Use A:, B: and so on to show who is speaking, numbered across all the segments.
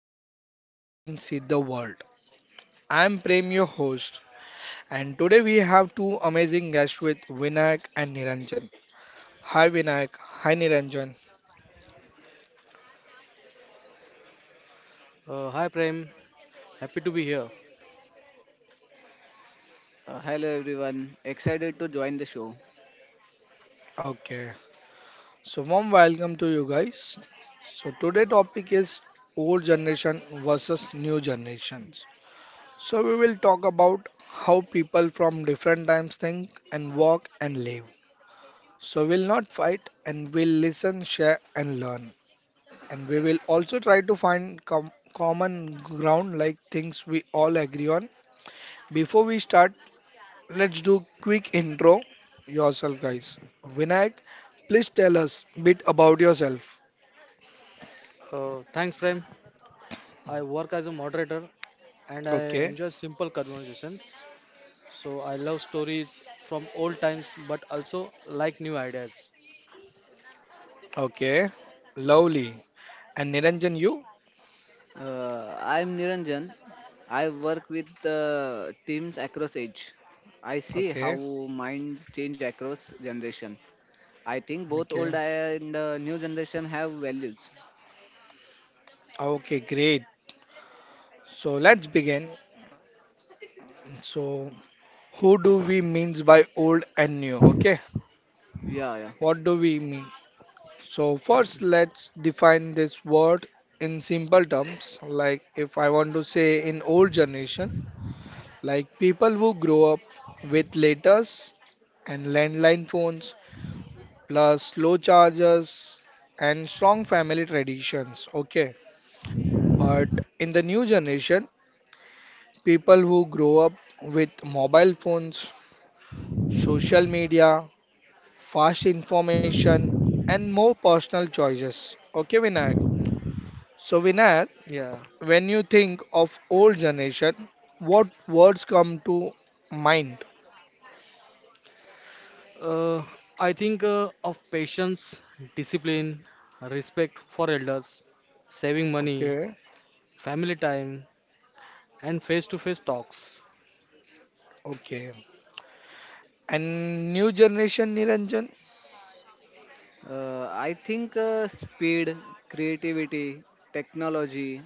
A: how different generations see the world. I'm Prem, your host, and today we have two amazing guests with Vinayak and Niranjan. Hi Vinayak, hi Niranjan.
B: Hi Prem, happy to be here.
C: Hello everyone, excited to join the show.
A: Okay, so warm welcome to you guys. So today topic is old generation versus new generations. So we will talk about how people from different times think and walk and live. So we'll not fight and we'll listen, share, and learn. And we will also try to find common ground like things we all agree on. Before we start, let's do quick intro yourself guys. Vinayak, please tell us bit about yourself.
B: Thanks Prem. I work as a moderator and I
A: Okay.
B: enjoy simple conversations. So I love stories from old times but also like new ideas.
A: Okay. Lovely. And Niranjan you?
C: I'm Niranjan. I work with teams across age. I see how
A: Okay.
C: minds change across generation. I think both
A: Okay.
C: old and new generation have values.
A: Okay, great. So let's begin. So who do we means by old and new? Okay.
C: Yeah, yeah.
A: What do we mean? So, first, let's define this word in simple terms. Like, if I want to say in old generation, like people who grow up with letters and landline phones, plus slow chargers and strong family traditions. Okay, but in the new generation, people who grow up with mobile phones, social media, fast information, and more personal choices. Okay, Vinayak. So, Vinayak.
B: Yeah.
A: When you think of old generation, what words come to mind?
B: Uh, I think of patience, discipline, respect for elders, saving money,
A: Okay,
B: family time and face-to-face talks.
A: okay. And new generation, Niranjan,
C: I think speed, creativity, technology,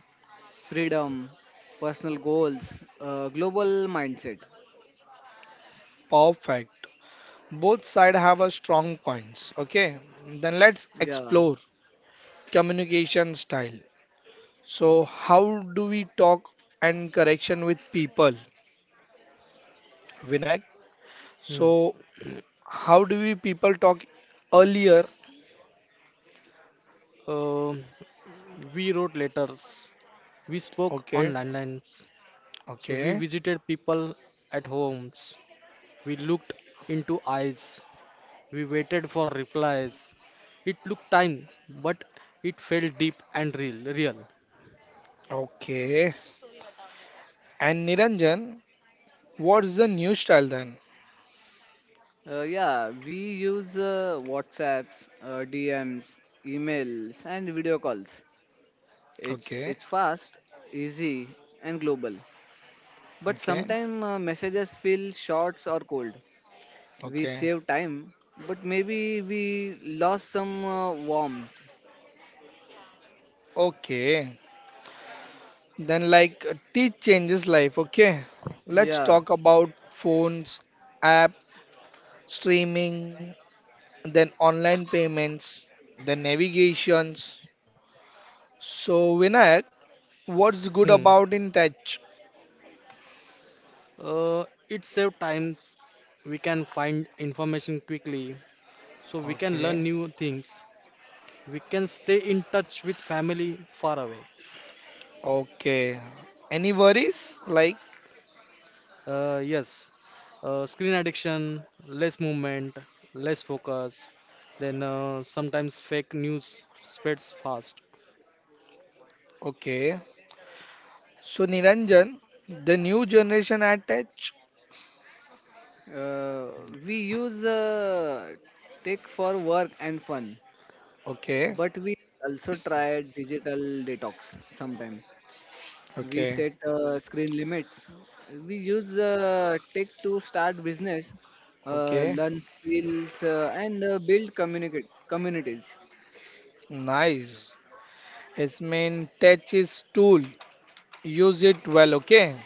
C: freedom, personal goals, global mindset.
A: perfect. Both side have a strong points. Okay, then let's
C: Yeah.
A: explore communication style. So, how do we talk and correction with people, Vinayak?
B: Hmm.
A: So, how do we people talk earlier?
B: Um we wrote letters. We spoke on
A: Okay,
B: landlines. So we
A: okay,
B: visited people at homes. We looked into eyes. We waited for replies. It took time, but it felt deep and real.
A: okay. And Niranjan, what's the new style then?
C: Yeah, we use WhatsApps, DMs, emails, and video calls. It's
A: Okay,
C: it's fast, easy, and global. But
A: okay,
C: sometimes messages feel short or cold. We
A: okay,
C: save time, but maybe we lost some warmth.
A: okay. Then, like, teach changes life. Okay, let's
C: Yeah,
A: talk about phones, app, streaming, then online payments, then navigations. So, Vinayak, what's good
B: Hmm.
A: about in touch?
B: It saved times. We can find information quickly, so we can learn
A: Okay,
B: new things. We can stay in touch with family far away.
A: okay. Any worries? Like,
B: Yes, screen addiction, less movement, less focus, then sometimes fake news spreads fast.
A: okay. So, Niranjan, the new generation at touch.
C: uh, we use tech for work and fun,
A: Okay,
C: but we also try digital detox sometime. We
A: okay,
C: set screen limits, we use tech to start business,
A: okay.
C: learn skills, and build communicate communities.
A: Nice. Its main touch is tool. Use it well, okay?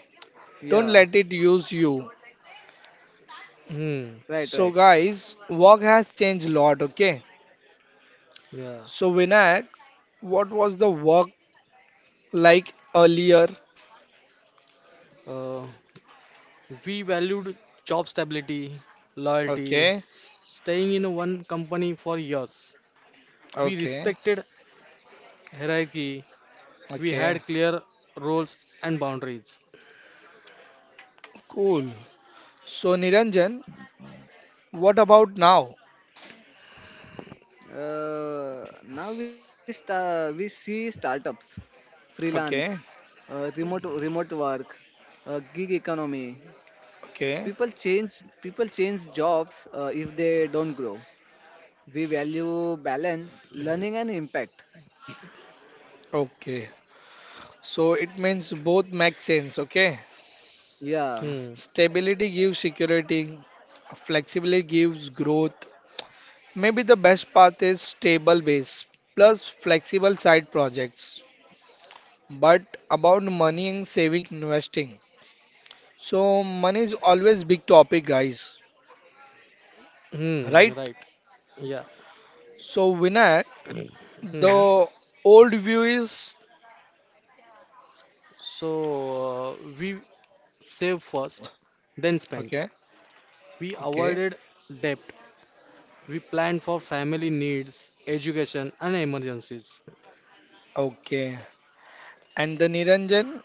A: Don't
C: Yeah,
A: let it use you.
B: Hmm,
C: right,
A: So,
C: right.
A: guys, work has changed a lot, okay?
B: yeah.
A: So, Vinayak, what was the work like earlier?
B: Uh, we valued job stability, loyalty,
A: Okay,
B: staying in one company for years. We
A: okay,
B: respected hierarchy. We
A: okay,
B: had clear roles and boundaries.
A: cool. So, Niranjan, what about now?
C: Now we see startups, freelance,
A: Okay,
C: uh, remote work, gig economy.
A: okay,
C: People change jobs if they don't grow. We value balance, learning and impact.
A: okay. So, it means both make sense, okay?
C: Yeah.
B: Hmm,
A: Stability gives security, flexibility gives growth. Maybe the best path is stable base plus flexible side projects. But about money and saving investing. So money is always big topic guys,
B: hmm,
A: right?
B: right. Yeah.
A: So Vinayak,
B: Hmm.
A: the old view is
B: We save first, then spend.
A: okay,
B: We
A: okay,
B: avoided debt. We planned for family needs, education, and emergencies.
A: okay. And the Niranjan,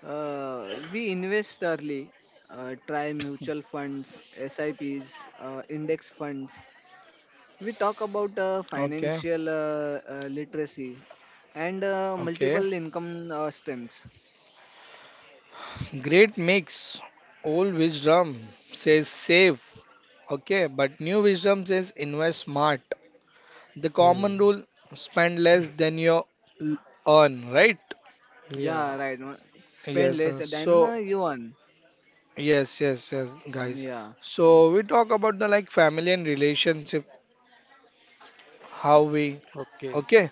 C: We invest early, try mutual funds, SIPs, index funds. We talk about
A: okay,
C: financial literacy and
A: okay.
C: multiple income streams.
A: Great mix. Old wisdom says save, okay, but new wisdom says invest smart. The
B: Hmm.
A: common rule spend less than you l- earn, right?
B: Yeah.
C: Yeah, right. No? Spend
A: Yes,
C: less than
A: so
C: you earn.
A: yes, yes, yes, guys.
C: Yeah,
A: So we talk about the like family and relationship, how we
B: Okay.
A: okay,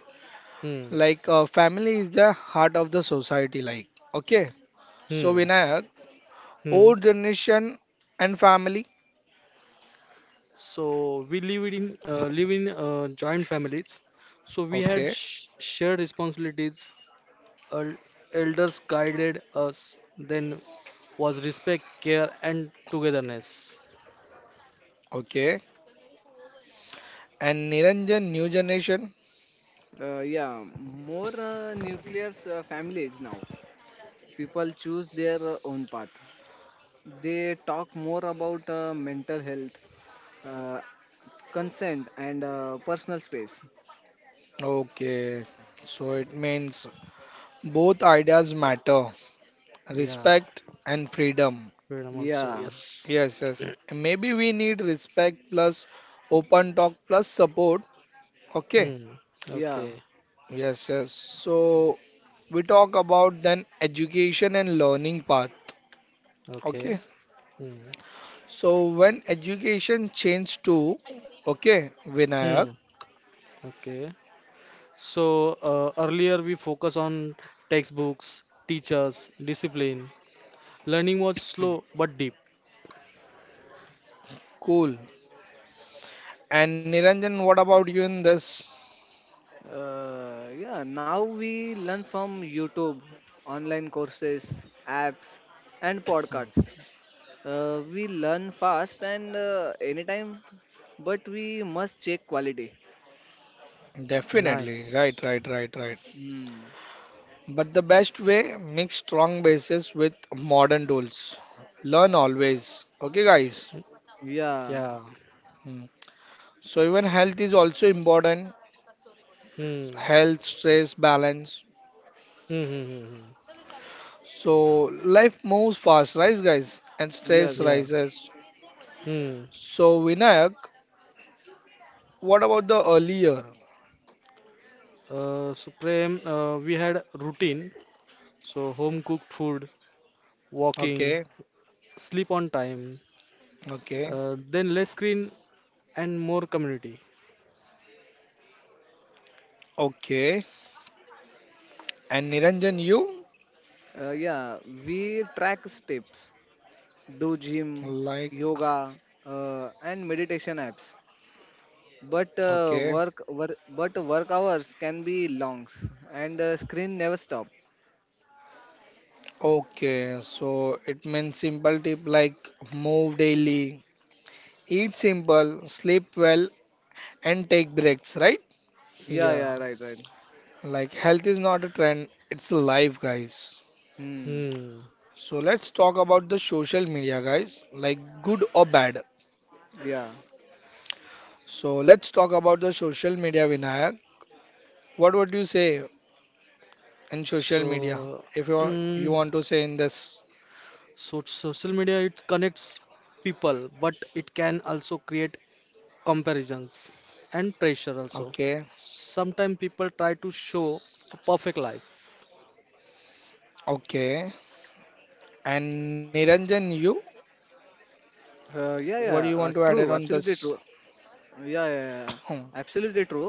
B: Hmm.
A: like family is the heart of the society, like okay. So
B: Hmm.
A: Vinayak,
B: Hmm.
A: old generation and family,
B: So we live in joint families. So we had
A: okay,
B: sh shared responsibilities. El elders guided us. Then was respect, care, and togetherness.
A: okay, and Niranjan, new generation,
C: yeah. More nuclear families now. People choose their own path. They talk more about mental health, uh, consent and personal space.
A: okay. So it means both ideas matter,
B: Yeah.
A: respect and freedom.
B: Freedom also.
C: Yeah,
B: Yes.
A: Yes, yes. Maybe we need respect plus open talk plus support. Okay.
B: Hmm.
C: yeah.
B: Okay.
A: Yes, yes. So we talk about then education and learning path.
B: Okay.
A: Okay.
B: Hmm.
A: So when education changed to okay,
B: Hmm.
A: Vinayak,
B: Okay. So earlier we focus on textbooks, teachers, discipline. Learning was slow but deep.
A: cool. And Niranjan, what about you in this?
C: Yeah, now we learn from YouTube, online courses, apps and podcasts. We learn fast and anytime, but we must check quality.
A: Definitely.
B: Nice.
A: Right, right, right, right.
C: Hmm.
A: But the best way, mix strong bases with modern tools. Learn always. Okay, guys.
B: Hmm,
C: Yeah.
B: yeah.
A: Hmm. So even health is also important.
B: Hmm.
A: Health, stress, balance.
B: Hmm. Hmm. hmm, hmm.
A: So life moves fast, right, guys? And stress
C: Yes.
B: Yeah.
A: rises.
B: Hmm.
A: So Vinayak, what about the earlier?
B: So Prem, we had routine. So home cooked food, walking,
A: Okay,
B: sleep on time.
A: okay,
B: Then less screen and more community.
A: okay. And Niranjan, you
C: Yeah, we track steps, do gym,
A: like?
C: yoga, and meditation apps, but uh,
A: Okay,
C: work, work but work hours can be long and screen never stop.
A: okay. So it means simple tip like move daily, eat simple, sleep well, and take breaks, right?
C: Yeah,
B: Yeah.
C: yeah, right, right.
A: Like health is not a trend, it's a life, guys.
C: Hmm.
B: Hmm.
A: So let's talk about the social media, guys, like good or bad.
C: Yeah.
A: So let's talk about the social media, Vinayak. What would you say in social media
B: So.
A: if you want, you
B: Mm,
A: want to say in this?
B: So social media it connects people, but it can also create comparisons and pressure also.
A: Okay,
B: Sometimes people try to show a perfect life.
A: okay. And Niranjan, you,
C: Yeah,
A: what do you want to
C: true,
A: add it on
C: absolutely true.
A: this?
C: Yeah, yeah, yeah.
A: Hmm.
C: Absolutely true.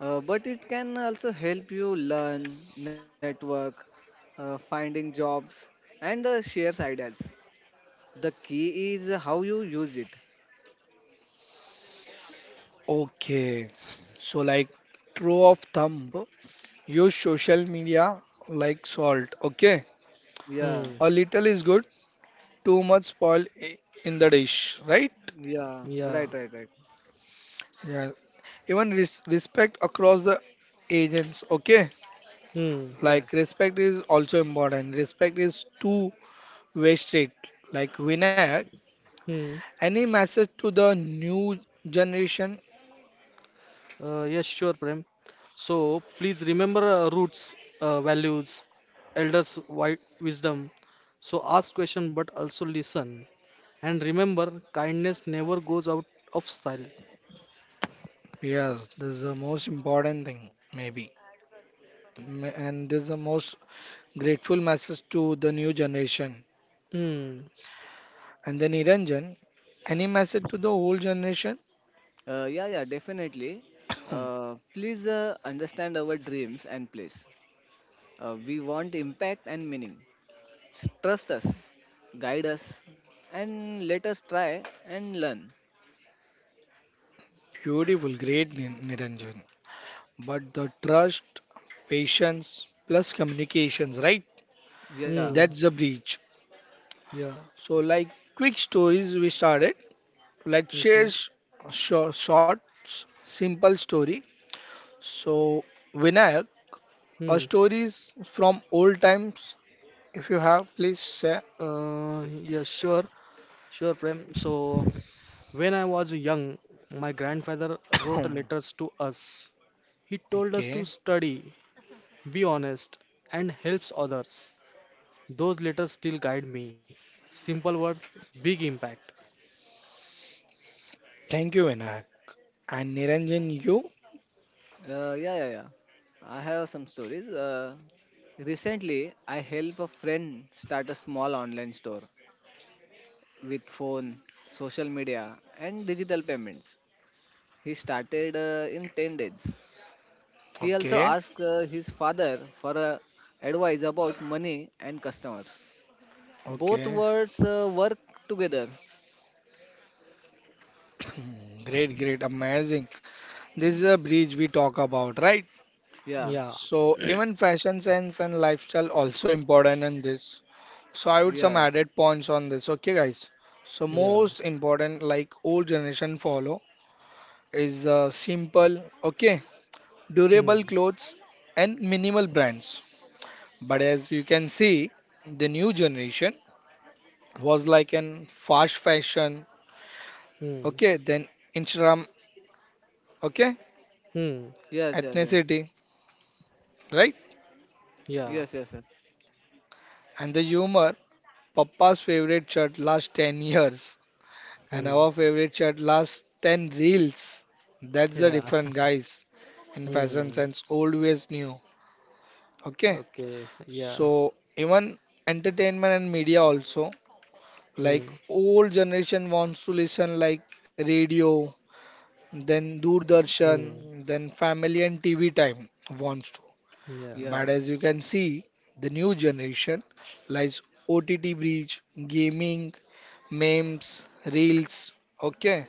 C: But it can also help you learn, network, finding jobs and shares ideas. The key is how you use it.
A: Okay. So like true of thumb, use social media like salt. Okay.
C: Yeah,
B: Hmm.
A: A little is good, too much spoil in the dish, right?
C: yeah,
B: Yeah.
C: right, right, right.
A: Yeah. Even respect across the agents okay
B: Hmm.
C: Yes.
A: like respect is also important respect is two-way street like Vinayak,
B: Hmm.
A: any message to the new generation?
B: Yes, sure, Prem. So please remember roots, values, elders' wisdom. So ask question, but also listen. And remember, kindness never goes out of style.
A: Yes, this is the most important thing maybe and this is the most grateful message to the new generation.
B: Hmm.
A: And then Niranjan, any message to the old generation?
C: Yeah, definitely. Please understand our dreams and place. We want impact and meaning. Trust us, guide us, and let us try and learn.
A: Beautiful great Niranjan but the trust patience plus communications right.
C: Yeah,
B: Hmm.
A: That's the breach.
B: Yeah.
A: So, like quick stories, we started. Let's share
B: Okay.
A: short, short, simple story. So, Vinayak, a
B: Hmm.
A: stories from old times. If you have, please say.
B: Yes, sure, Prem. So, when I was young, my grandfather wrote letters to us. He told us to
A: okay.
B: study, be honest, and helps others. Those letters still guide me. Simple words, big impact.
A: Thank you, Vinayak. And Niranjan, you.
C: yeah, yeah, yeah. I have some stories. Recently, I helped a friend start a small online store with phone, social media, and digital payments. He started in 10 days. He also
A: Okay.
C: asked his father for advice about money and customers. Both
A: Okay.
C: words work together.
A: Great, great, amazing. This is a bridge we talk about, right?
C: Yeah,
B: Yeah,
A: So even fashion sense and lifestyle also important in this. So I would
C: yeah,
A: some added points on this. Okay, guys. So
B: yeah.
A: most important, like old generation follow, is simple, okay, durable
B: Hmm.
A: clothes and minimal brands. But as you can see, the new generation was like an fast fashion,
B: Hmm.
A: okay, then Instagram, okay,
B: Hmm.
C: yes, yes, yes,
A: ethnicity, right,
C: yes,
B: Yeah.
C: yes, yes.
A: and the humor. Papa's favorite shirt last 10 years. And our
B: Hmm.
A: favorite shirt lasts 10 reels. That's the
B: Yeah.
A: different guys in fashion
B: Hmm.
A: sense, old ways new. Okay.
B: Okay. Yeah.
A: So even entertainment and media also, like
B: Hmm.
A: old generation wants to listen like radio, then
B: Hmm.
A: Doordarshan, then family and TV time wants to.
B: Yeah.
C: Yeah,
A: But as you can see, the new generation lies OTT bridge, gaming, memes, reels. Okay.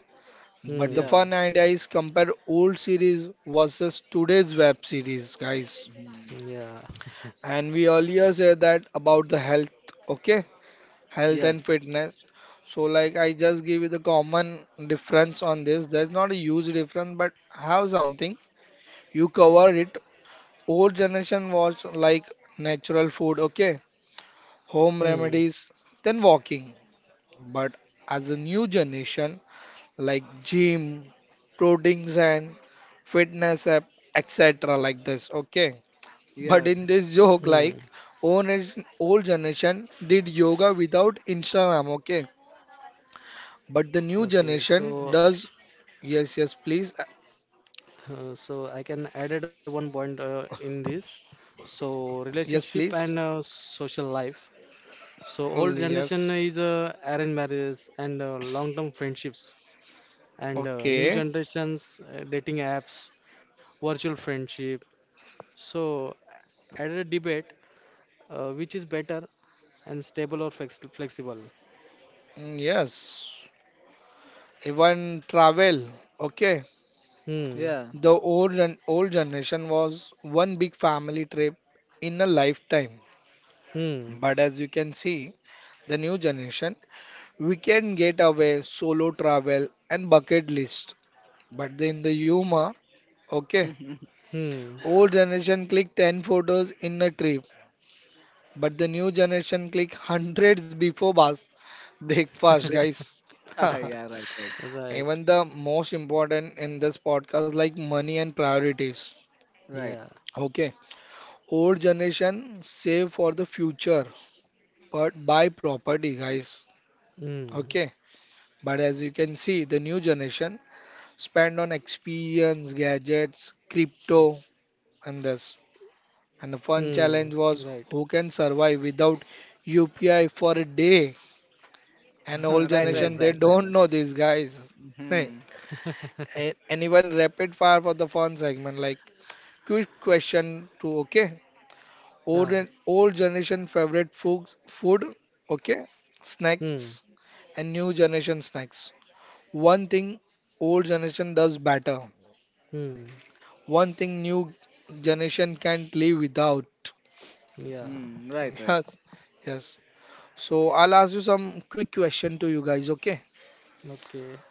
A: But the
C: yeah.
B: Hmm.
A: fun idea is compare old series versus today's web series, guys.
C: Mhm.
B: Yeah.
A: And we earlier said that about the health, okay? Health
C: Yes,
A: and fitness. So like I just give you the common difference on this. There's not a huge difference, but have something. You cover it. Old generation was like natural food, okay? Home
B: Hmm.
A: remedies, then walking. But as a new generation, like gym, clothings and fitness app, etc. like this. Okay. But
C: yes,
B: Hmm.
A: in this joke, like old generation did yoga without Instagram. Okay. But the new
B: Okay, so
A: generation does. Yes, yes, please.
B: so I can added one point in this. So
A: Yes, please.
B: relationship and social life. So
A: Oh,
B: old
A: yes.
B: generation is arranged marriages and long-term friendships, and new
A: Okay.
B: generations dating apps, virtual friendship. So added debate, which is better and stable or flexible?
A: Mm, yes. Even travel. Okay.
B: Hmm.
C: yeah.
A: The old and old generation was one big family trip in a lifetime.
B: Hmm.
A: But as you can see, the new generation, we can get away solo travel and bucket list. But in the Yuma, okay,
B: Hmm.
A: old generation click 10 photos in a trip, but the new generation click hundreds before bus breakfast,
C: Break.
A: guys.
C: Yeah, right, right,
A: Even
B: Right.
A: the most important in this podcast, like money and priorities.
C: right.
B: Yeah.
A: Okay, old generation save for the future, but buy property, guys.
B: Hmm.
A: Okay, but as you can see, the new generation spend on experience, gadgets, crypto, and this. And the
B: Hmm.
A: fun
B: Right.
A: challenge was who can survive without UPI for a day? And old
B: Hmm.
C: Right, right,
A: generation, they
C: right, right.
A: don't
C: Right.
A: know these guys. Hey,
C: Hmm,
A: anyone rapid fire for the fun segment, like quick question to okay.
B: Ah.
A: Old and old generation favorite foods, food, okay,
B: Hmm.
A: snacks, and new generation snacks. One thing old generation does better.
B: Hmm.
A: One thing new generation can't live without.
B: Yeah.
C: hmm, right, right.
A: Yes, yes. So I'll ask you some quick question to you guys, okay?
B: Okay.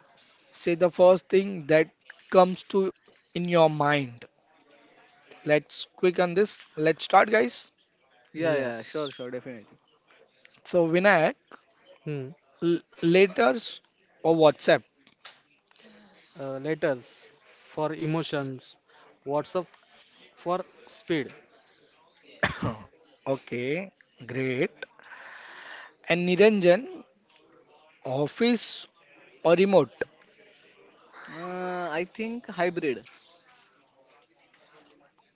A: Say the first thing that comes to in your mind. Let's quick on this. Let's start, guys.
C: Yeah, yeah,
B: Yes.
C: sure, sure, definitely.
A: So Vinayak,
B: Hmm.
A: letters or WhatsApp?
B: Letters for emotions. WhatsApp for speed.
A: Okay, great. And Niranjan, office or remote?
C: I think hybrid.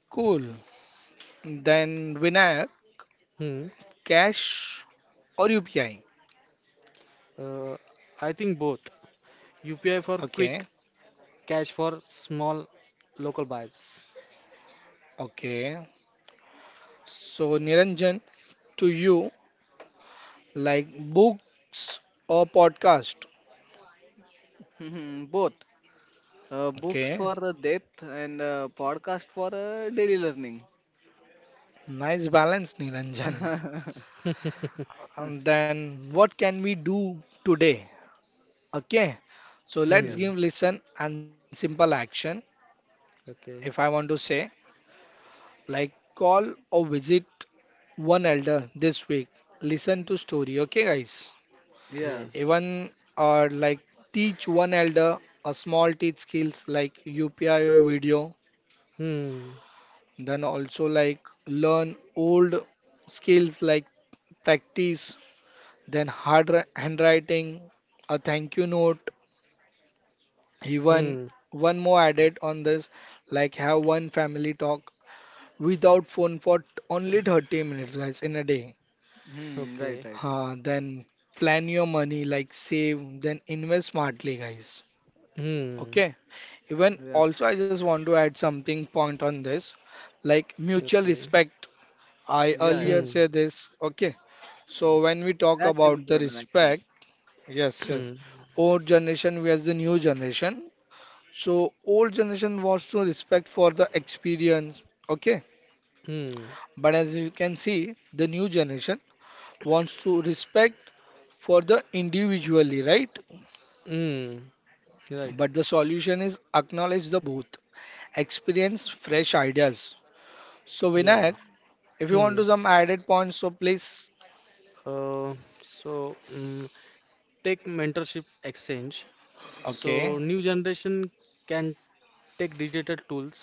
A: Cool. Then Vinayak,
B: Hmm.
A: cash or UPI?
B: Uh, I think both. UPI for
A: Okay.
B: quick, cash for small local buys.
A: Okay, so Niranjan, to you, like books or podcast?
C: Hmm, both. Books
A: Okay,
C: for depth and podcast for daily learning.
A: nice balance, Niranjan. And then what can we do today? Okay, so
C: Yeah,
A: let's
B: Hmm.
A: give listen and simple action. If
B: Okay.
A: I want to say, like call or visit one elder this week. Listen to story. Okay, guys.
C: yeah,
B: Yes.
A: Even or like teach one elder a small teach skills like UPI or video
B: Hmm.
A: then also like learn old skills like practice then handwriting a thank you note even
B: Hmm.
A: one more added on this like have one family talk without phone for only 30 minutes guys in a day
C: hmm, right,
B: Okay.
C: right.
A: then plan your money like save then invest smartly guys
B: Hmm.
A: okay even
C: Yeah,
A: also I just want to add something point on this like mutual
B: Okay.
A: respect I
C: yeah, yeah.
A: earlier
B: Hmm.
A: said this okay. So when we talk
C: That's
A: about the
C: important actually.
A: respect, yes, yes,
B: Hmm.
A: old generation versus the new generation. So old generation wants to respect for the experience, okay?
B: Hmm.
A: But as you can see, the new generation wants to respect for the individually, right?
B: Hmm. Right.
A: But the solution is acknowledge the both, experience fresh ideas. So Vinayak,
B: Yeah.
A: if you want
B: Hmm.
A: to some added points, so please.
B: Uh, so mm Take mentorship exchange. So
A: Okay,
B: new generation can take digital tools,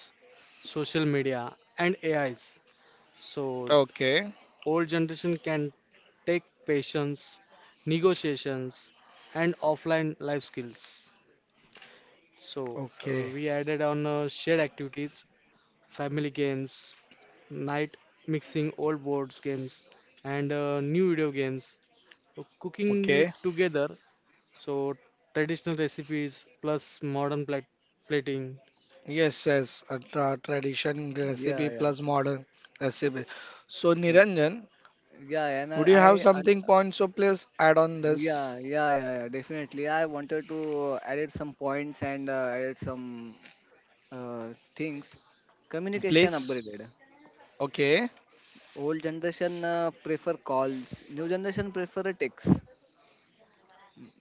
B: social media, and AIs. So
A: okay,
B: old generation can take patience, negotiations, and offline life skills. So
A: okay,
B: we added on shared activities, family games, night mixing old boards games and new video games. So cooking
A: okay.
B: it together. So traditional recipes plus modern plating.
A: Yes, yes, a tradition recipe
C: Yeah, yeah.
A: plus modern recipe. So
C: Y-
A: Niranjan,
C: yeah. And
A: would you have something point? So please add on this,
C: yeah, yeah, yeah, yeah. Definitely, I wanted to add some points and added some uh, things. Communication
A: please.
C: upgraded.
A: Okay,
C: Old generation prefer calls. New generation prefer a text.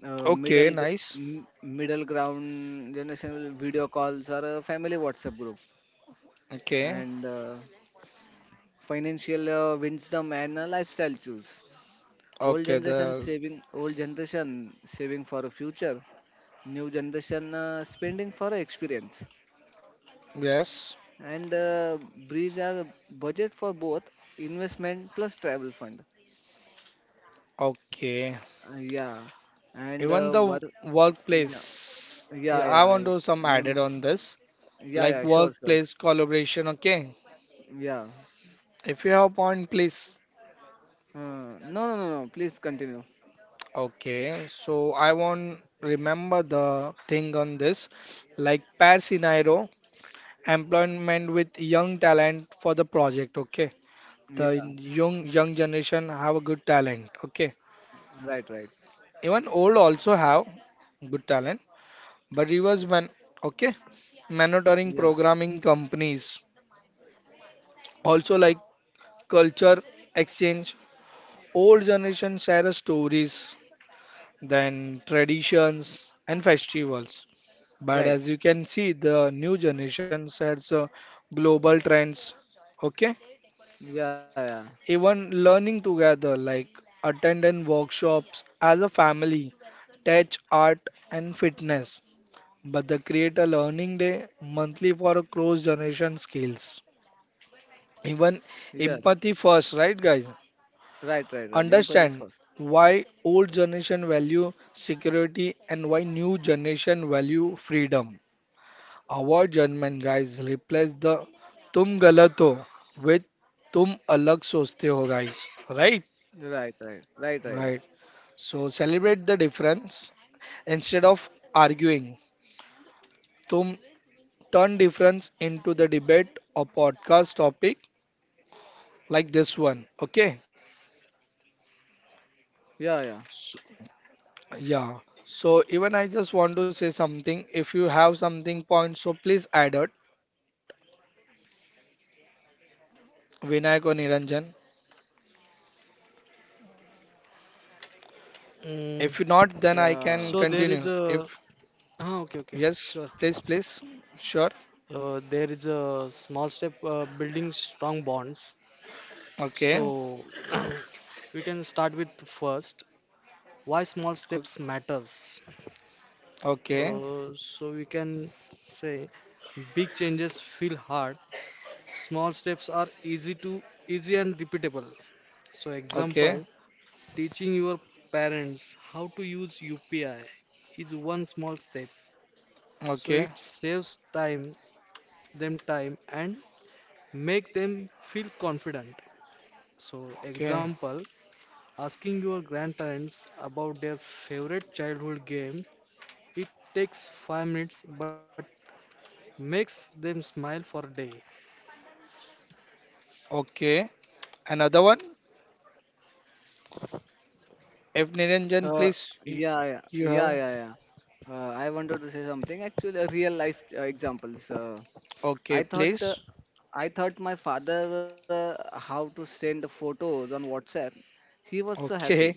C: uh,
A: okay,
C: middle gr-
A: nice.
C: m- middle ground generation, video calls or a family WhatsApp group.
A: Okay,
C: And financial wisdom and lifestyle choose.
A: okay, the
C: Old generation saving for a future, new generation spending for a experience,
A: yes,
C: and breeze are a budget for both, investment plus travel fund.
A: okay.
C: Yeah and
A: Even
C: what
A: the
C: yeah
A: workplace,
C: yeah
A: yeah,
C: yeah
A: I
C: I-
A: want to some
C: and
A: added on this,
C: yeah yeah
A: like
C: sure sure
A: workplace collaboration. Okay,
C: yeah
A: if you have point, please.
C: No, no, no, no. Please continue.
A: Okay, so I won't remember the thing on this, like pair scenario, employment with young talent for the project. Okay, the
C: Yeah,
A: young generation have a good talent. Okay,
C: right, right.
A: even old also have good talent, but it was when. Okay, monitoring
C: Yeah,
A: programming companies also like culture exchange. Old generation share stories, then traditions and festivals. But
C: right.
A: as you can see, the new generation sets global trends. Okay,
C: Yeah, yeah.
A: even learning together, like attending workshops as a family, touch art and fitness. But they create a learning day monthly for a cross generation skills. Even
C: Yes,
A: empathy first, right, guys?
C: right, right, right. Dimple is
A: Understand
C: first.
A: why old generation value security and why new generation value freedom. Our German guys replace the "तुम गलत हो" with "तुम अलग सोचते हो" guys. Right?
C: Right, right, right, right.
A: Right. So celebrate the difference instead of arguing. Tum turn difference into the debate or podcast topic like this one. Okay?
C: Yeah, yeah,
A: So, yeah. So even I just want to say something. If you have something point, so please add it. Vinayak or Niranjan. If
B: Mm,
A: you not, then
C: yeah.
A: I can
B: so there is
A: continue. If
B: a ah, okay okay
A: yes,
B: sure.
A: please, please. Sure.
B: There is a small step building strong bonds.
A: Okay.
B: So we can start with first why small
A: O-
B: steps matters.
A: Okay.
B: So we can say big changes feel hard. Small steps are easy and repeatable. So
A: Okay.
B: example, teaching your parents how to use UPI is one small step, so
A: Okay.
B: it saves them time and make them feel confident. So,
A: Okay.
B: example, asking your grandparents about their favorite childhood game, it takes 5 minutes but makes them smile for a day.
A: Okay. Another one. If Niranjan,
C: Uh,
A: please, y- you have.
C: yeah. I wanted to say something. Actually, a real life examples.
A: Okay,
C: I thought, uh,
A: please.
C: I thought my father how to send photos on WhatsApp. He was so happy.
A: Okay.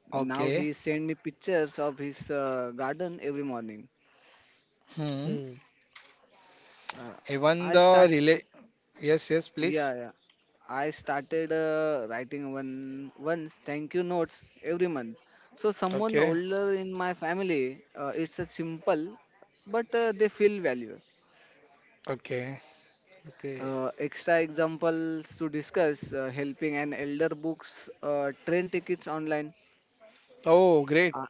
C: Now he
A: Okay.
C: send me pictures of his garden every morning.
A: Hmm.
B: Hmm.
C: Uh,
A: Even
C: I
A: the
C: start,
A: relay. Yes, yes, please.
C: yeah, yeah. I started writing one once thank you notes every month. So someone
A: Okay.
C: older in my family, it's a simple, but they feel value.
A: Okay.
B: Okay.
C: Extra examples to discuss: helping an elder books, train tickets online.
A: Oh, great.
C: Uh,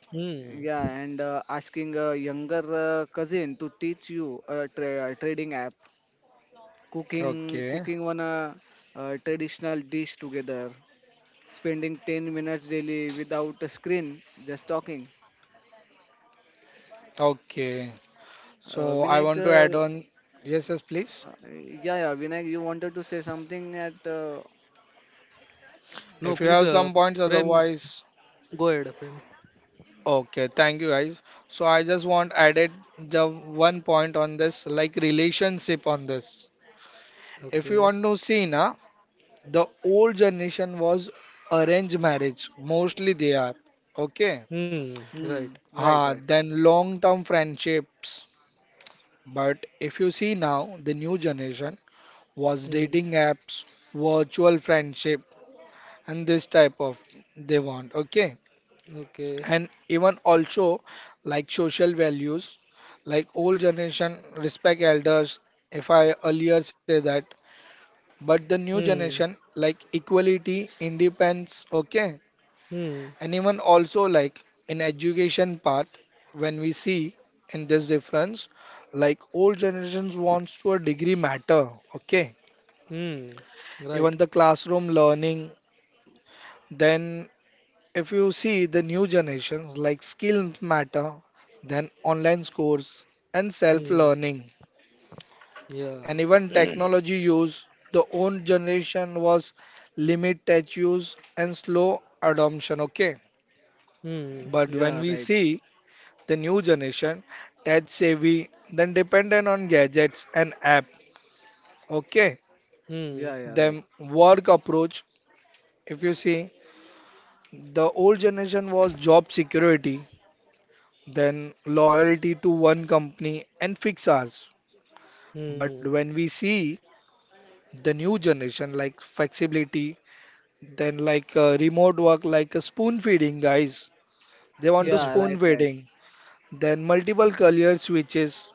C: yeah,
B: Hmm.
C: and asking a younger cousin to teach you a trading app,
A: Okay.
C: cooking one traditional dish together, spending 10 minutes daily without a screen, just talking.
A: Okay. So I
C: Vinayak,
A: want to add on. Yes, yes, please.
C: yeah, yeah, Vinayak, you wanted to say something at,
B: No,
A: If you
B: please,
A: have some points,
B: Prem,
A: otherwise.
B: go ahead, Prem.
A: Okay, thank you guys. So I just want added the one point on this, like relationship on this. If you
B: Okay.
A: want to see na, the old generation was arranged marriage. Mostly they are. Okay.
B: Hmm. Right.
C: hmm, right,
A: Ha,
C: right,
A: then long-term friendships. But if you see now, the new generation was
B: Hmm.
A: dating apps, virtual friendship, and this type of they want. Okay.
B: Okay.
A: And even also like social values, like old generation respect elders, if I earlier say that, but the new
B: Hmm.
A: generation like equality, independence. Okay.
B: Hmm.
A: And even also like in education path, when we see in this difference, like old generations wants to a degree matter. Okay.
B: Hmm. Right.
A: Even the classroom learning, then if you see the new generations, like skills matter, then online scores and
B: Hmm.
A: self-learning,
B: Yeah.
A: and even technology use, the old generation was limit touch use and slow adoption, okay?
B: Hmm.
A: But when
C: yeah,
A: we
C: right,
A: see the new generation, touch savvy, then dependent on gadgets and app, okay?
B: Hmm.
C: yeah, yeah,
A: Then
C: right,
A: work approach, if you see, the old generation was job security, then loyalty to one company and fix ours. But
B: Hmm.
A: when we see the new generation like flexibility, then like remote work, like a spoon feeding, guys, they want to
C: yeah,
A: spoon
C: right, right,
A: feeding, then multiple career switches.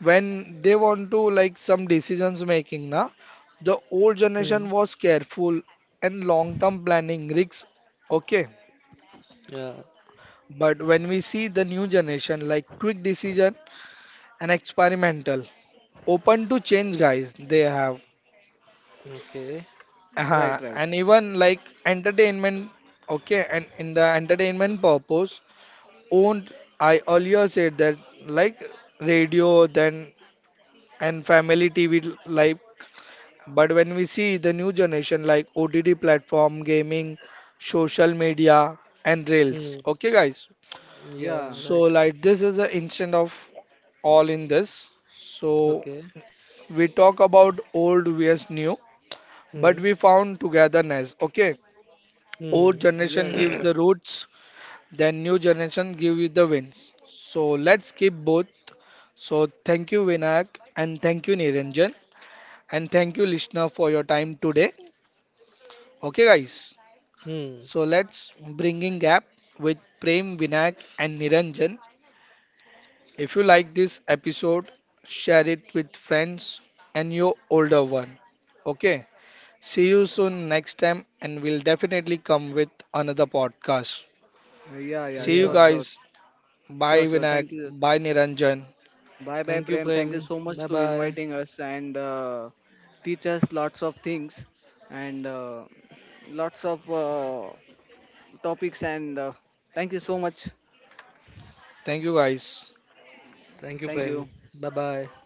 A: When they want to like some decisions making, na, the old
B: Hmm.
A: generation was careful and long-term planning risks. Okay,
B: Yeah.
A: but when we see the new generation like quick decision and experimental. Open to change, guys, they have
B: Okay.
C: right, right,
A: and even like entertainment, okay? And in the entertainment purpose owned, I earlier said that, like radio, then and family TV l- like, but when we see the new generation like OTT platform, gaming, social media and
B: Hmm.
A: rails, okay, guys?
B: Yeah.
C: yeah,
A: So
B: Right.
A: like this is the instant of all in this, so
B: Okay.
A: we talk about old vs new,
B: Hmm.
A: but we found togetherness. Okay, old
B: Hmm.
C: yeah, yeah,
A: generation
C: right.
A: gives the roots, then new generation give you the wins. So let's keep both. So thank you, Vinayak, and thank you, Niranjan, and thank you, listener, for your time today. Okay, guys,
B: Hmm.
A: so let's bringing gap with Prem, Vinayak and Niranjan. If you like this episode, share it with friends and your older one. Okay, see you soon next time, and we'll definitely come with another podcast.
C: Yeah, yeah,
A: See you,
C: sure,
B: Yeah.
C: sure,
A: guys. Bye,
C: sure, sure.
A: Vinayak.
C: Thank you.
A: Bye, Niranjan.
C: Bye bye,
B: Thank you,
C: Prem. Thank you
B: Prem.
C: so
B: Bye
C: much to
B: bye.
C: inviting us and teach us lots of things and lots of topics. And thank you so much.
A: Thank you, guys.
B: Thank you,
C: Thank
B: Prem.
C: you.
B: Bye bye.